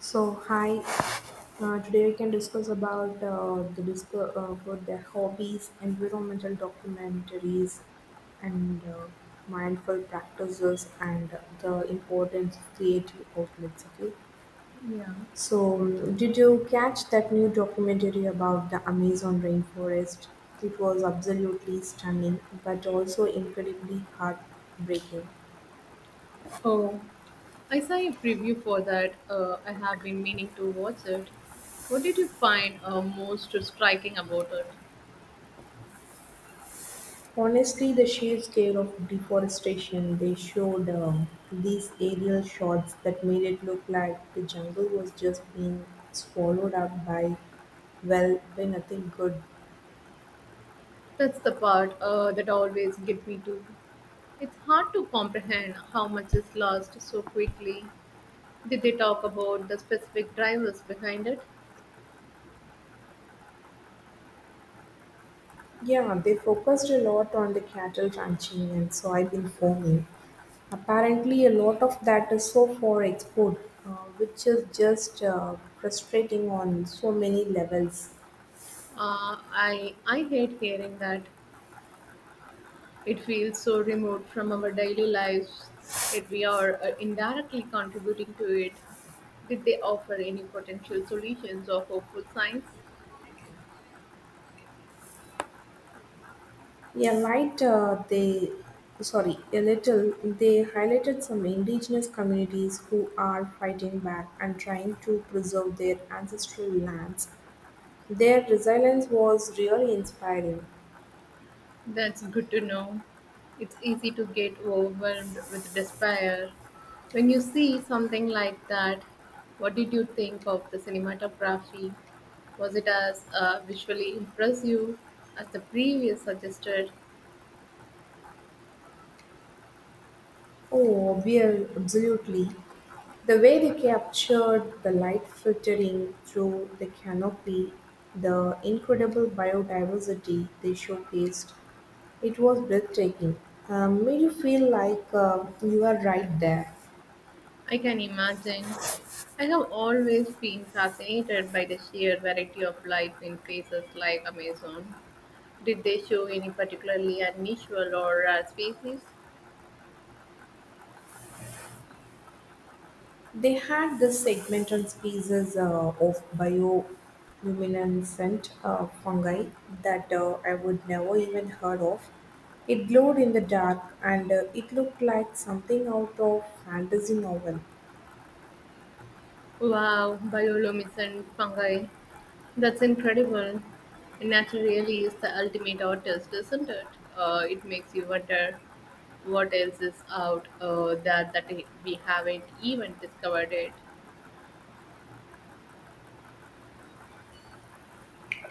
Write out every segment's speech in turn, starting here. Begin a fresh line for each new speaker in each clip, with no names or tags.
So hi, today we can discuss about the disco about the hobbies, environmental documentaries, and mindful practices, and the importance of creative outlets. Okay.
Yeah.
So, did you catch that new documentary about the Amazon rainforest? It was absolutely stunning, but also incredibly heartbreaking.
Oh, I saw a preview for that. I have been meaning to watch it. What did you find most striking about it?
Honestly, the sheer scale of deforestation they showed these aerial shots that made it look like the jungle was just being swallowed up by, well, by nothing good.
That's the part that always get me too. It's hard to comprehend how much is lost so quickly. Did they talk about the specific drivers behind it?
Yeah, they focused a lot on the cattle ranching and soybean farming. Apparently, a lot of that is so for export, uh, which is just frustrating on so many levels.
I hate hearing that. It feels so remote from our daily lives, yet we are indirectly contributing to it. Did they offer any potential solutions or hopeful signs?
Yeah, light, they, sorry, a little, they highlighted some indigenous communities who are fighting back and trying to preserve their ancestral lands. Their resilience was really inspiring.
That's good to know. It's easy to get overwhelmed with despair. When you see something like that, what did you think of the cinematography? Was it as visually impressive as the previous suggested?
Oh, we are absolutely. The way they captured the light filtering through the canopy, the incredible biodiversity they showcased, it was breathtaking. Made you feel like you are right there.
I can imagine. I have always been fascinated by the sheer variety of life in places like Amazon. Did they show any particularly unusual or rare species?
They had this segment on species of bioluminescent fungi that I would never even heard of. It glowed in the dark and it looked like something out of fantasy novel.
Wow, bioluminescent fungi. That's incredible. Nature really is the ultimate artist, isn't it? It makes you wonder what else is out there that we haven't even discovered it.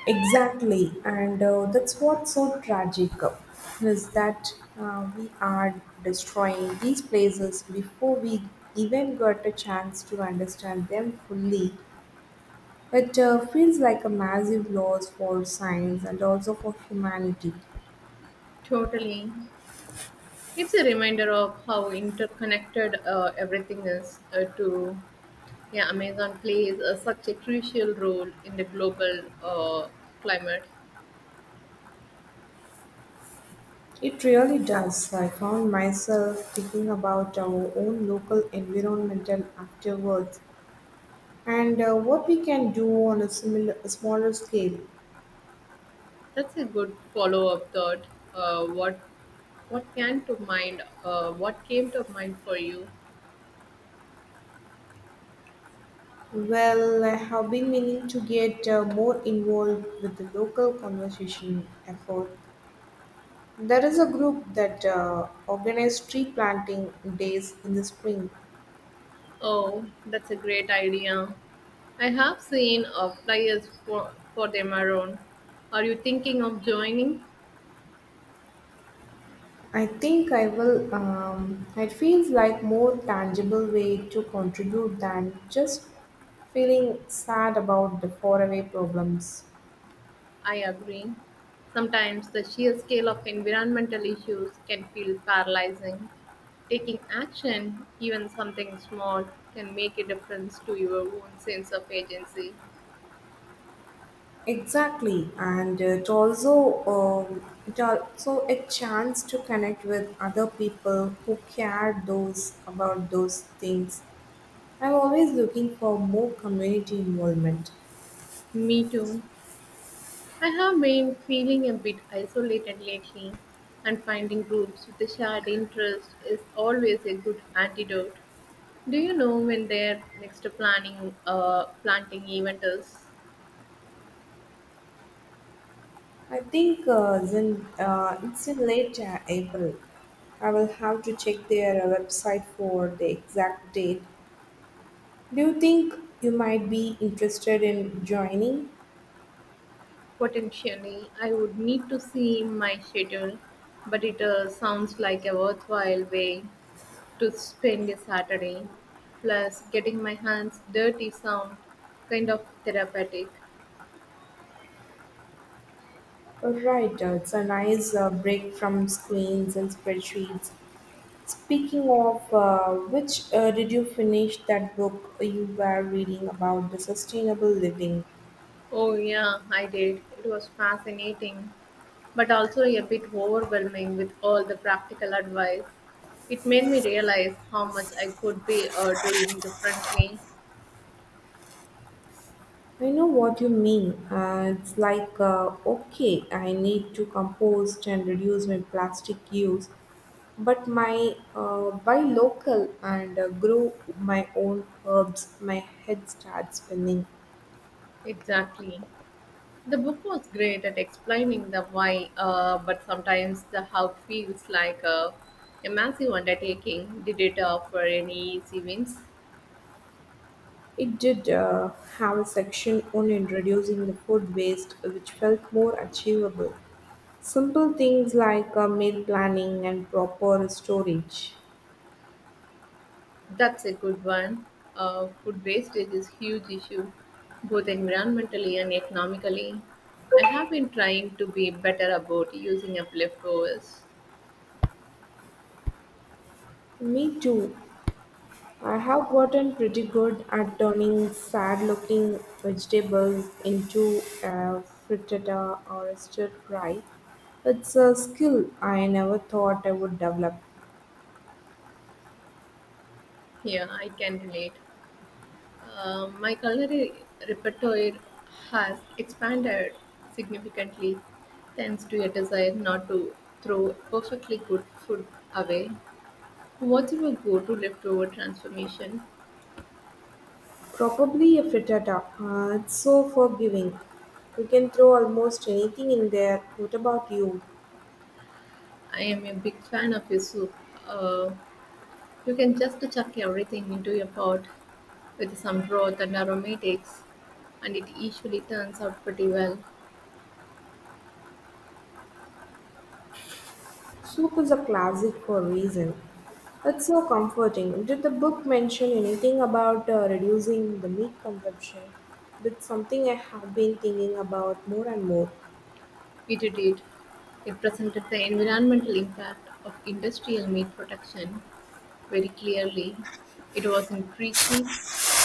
Exactly, and that's what's so tragic, is that we are destroying these places before we even got a chance to understand them fully. It feels like a massive loss for science and also for humanity.
Totally. It's a reminder of how interconnected everything is. To yeah, Amazon plays such a crucial role in the global climate.
It really does. I found myself thinking about our own local environmental afterwards and what we can do on a a smaller scale.
That's a good follow-up thought. Uh, what what can to mind? What came to mind for you?
Well, I have been meaning to get more involved with the local conversation effort. There is a group that organizes tree planting days in the spring.
Oh, that's a great idea. I have seen flyers for them around. Are you thinking of joining?
I think I will. It feels like more tangible way to contribute than just feeling sad about the faraway problems.
I agree. Sometimes the sheer scale of environmental issues can feel paralyzing. Taking action, even something small, can make a difference to your own sense of agency.
Exactly, and it also a chance to connect with other people who care those things. I'm always looking for more community involvement.
Me too. I have been feeling a bit isolated lately, and finding groups with a shared interest is always a good antidote. Do you know when their next planning planting event is?
I think it's in late April. I will have to check their website for the exact date. Do you think you might be interested in joining?
Potentially, I would need to see my schedule, but it sounds like a worthwhile way to spend a Saturday. Plus, getting my hands dirty sound kind of therapeutic.
Right, it's a nice break from screens and spreadsheets. Speaking of which, did you finish that book you were reading about the sustainable living?
Oh, yeah, I did. It was fascinating, but also a bit overwhelming with all the practical advice. It made me realize how much I could be doing differently.
I know what you mean. It's like, okay, I need to compost and reduce my plastic use, but my buy local and grow my own herbs, my head starts spinning.
Exactly. The book was great at explaining the why, but sometimes the how feels like a massive undertaking. Did it offer any easy wins?
It did have a section on introducing the food waste, which felt more achievable. Simple things like meal planning and proper storage.
That's a good one. Food wastage is huge issue, both environmentally and economically. I have been trying to be better about using up leftovers.
Me too. I have gotten pretty good at turning sad looking vegetables into a frittata or a stir fry. It's a skill I never thought I would develop.
Yeah, I can relate. My culinary repertoire has expanded significantly thanks to a desire not to throw perfectly good food away. What's your go to leftover transformation?
Probably a frittata. It's so forgiving. You can throw almost anything in there. What about you?
I am a big fan of your soup. Uh, you can just chuck everything into a pot with some broth and aromatics, and it usually turns out pretty well.
Soup is a classic for a reason. It's so comforting. Did the book mention anything about reducing the meat consumption? That's something I have been thinking about more and more.
It did; it presented the environmental impact of industrial meat production very clearly. It wasn't preachy,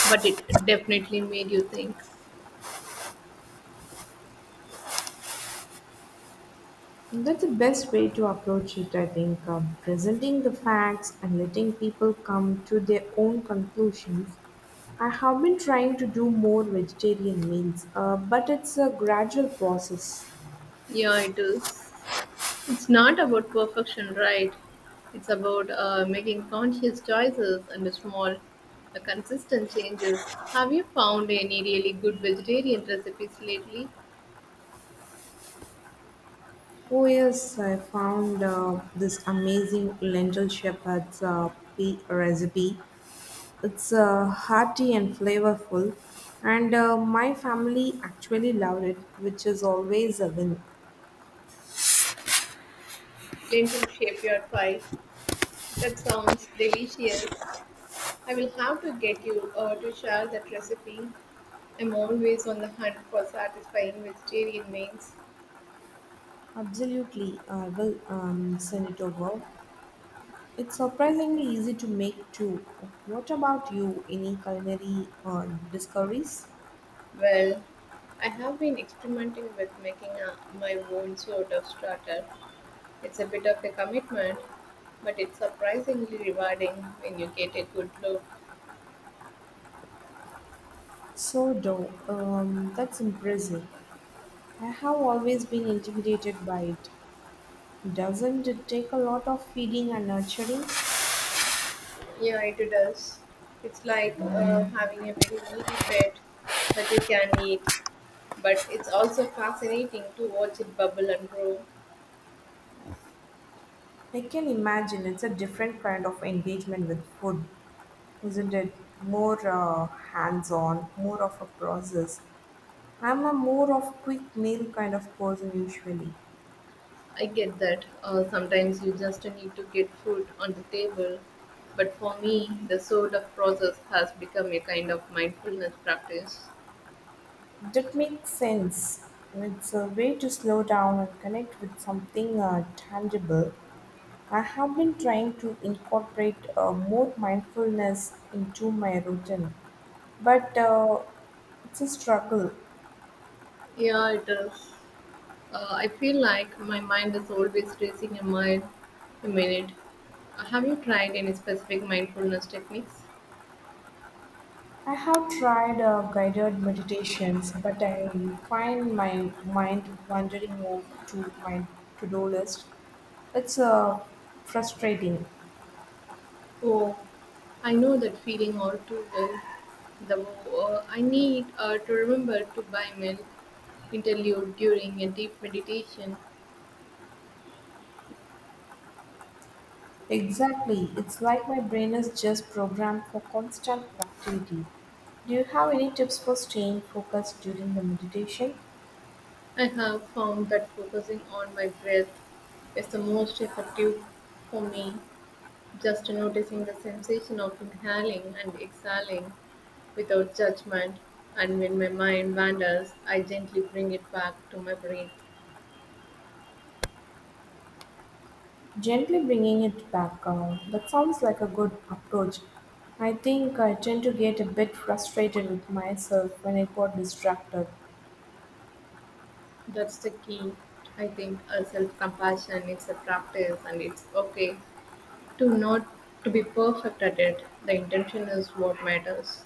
but it definitely made you think.
That's the best way to approach it, I think. Presenting the facts and letting people come to their own conclusions. I have been trying to do more vegetarian meals, but it's a gradual process.
Yeah, it is. It's not about perfection, right? It's about making conscious choices and small, consistent changes. Have you found any really good vegetarian recipes lately?
Oh yes, I found this amazing lentil shepherd's pea recipe. It's hearty and flavorful, and my family actually loved it, which is always a win.
Lentil shape your pie. That sounds delicious. I will have to get you to share that recipe. I'm always on the hunt for satisfying vegetarian meals.
Absolutely, I will send it over. It's surprisingly easy to make too. What about you? Any culinary discoveries?
Well, I have been experimenting with making my own sort of starter. It's a bit of a commitment, but it's surprisingly rewarding when you get a good look.
So, dough. That's impressive. I have always been intimidated by it. Doesn't it take a lot of feeding and nurturing?
Yeah, it does. It's like having a very needy pet that you can eat, but it's also fascinating to watch it bubble and grow.
I can imagine it's a different kind of engagement with food, isn't it? More hands on, more of a process. I'm a more of quick meal kind of person usually.
I get that. Sometimes you just need to get food on the table. But for me, the sort of process has become a kind of mindfulness practice.
That makes sense. It's a way to slow down and connect with something tangible. I have been trying to incorporate more mindfulness into my routine, but it's a struggle.
Yeah, it is. I feel like my mind is always racing a mile a minute. Have you tried any specific mindfulness techniques?
I have tried guided meditations, but I find my mind wandering off to my to do list. It's frustrating.
Oh, I know that feeling all too well. The I need to remember to buy milk interlude during a deep meditation.
Exactly. It's like my brain is just programmed for constant productivity. Do you have any tips for staying focused during the meditation?
I have found that focusing on my breath is the most effective for me. Just noticing the sensation of inhaling and exhaling without judgment, and when my mind wanders, I gently bring it back to my breath.
Gently bringing it back down. That sounds like a good approach. I think I tend to get a bit frustrated with myself when I got distracted.
That's the key. I think a self-compassion is a practice, and it's okay to not to be perfect at it. The intention is what matters.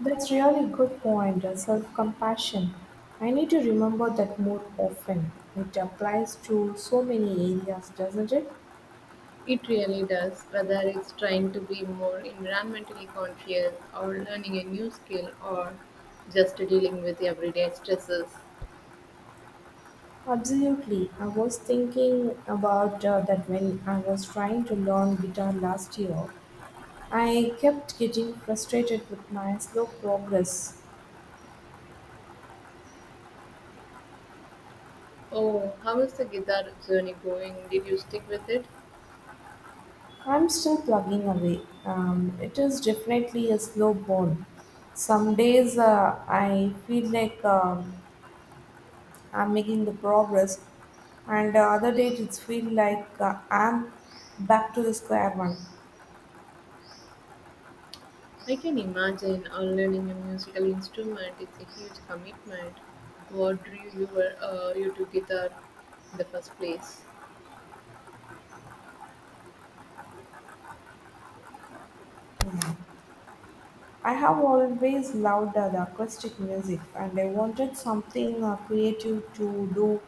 That's really good point, self compassion. I need to remember that more often. It applies to so many areas, doesn't it?
It really does, whether it's trying to be more environmentally conscious or learning a new skill or just dealing with everyday stresses.
Absolutely. I was thinking about that when I was trying to learn guitar last year. I kept getting frustrated with my slow progress.
Oh, how is the guitar journey going? Did you stick with it?
I'm still plugging away. It is definitely a slow burn. Some days I feel like I'm making the progress, and the other days it feels like I'm back to the square one.
I can imagine learning a musical instrument is a huge commitment. What drew you to guitar in the first place?
I have always loved the acoustic music, and I wanted something creative to do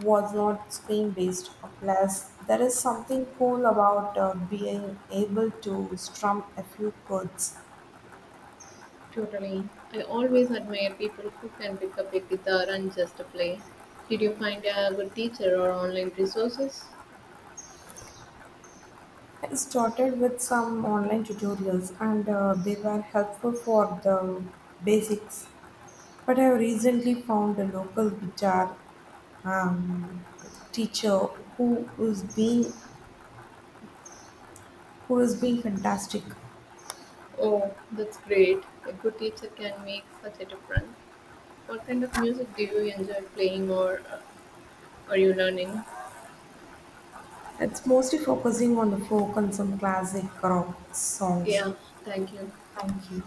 was not screen based. Plus, there is something cool about being able to strum a few chords.
Totally. I always admire people who can pick up a guitar and just play. Did you find a good teacher or online resources?
I started with some online tutorials and they were helpful for the basics. But I recently found a local guitar um, teacher who is being who is being fantastic.
Oh, that's great. A good teacher can make such a difference. What kind of music do you enjoy playing or are you learning?
It's mostly focusing on the folk and some classic rock songs.
Yeah, thank you.
Thank you.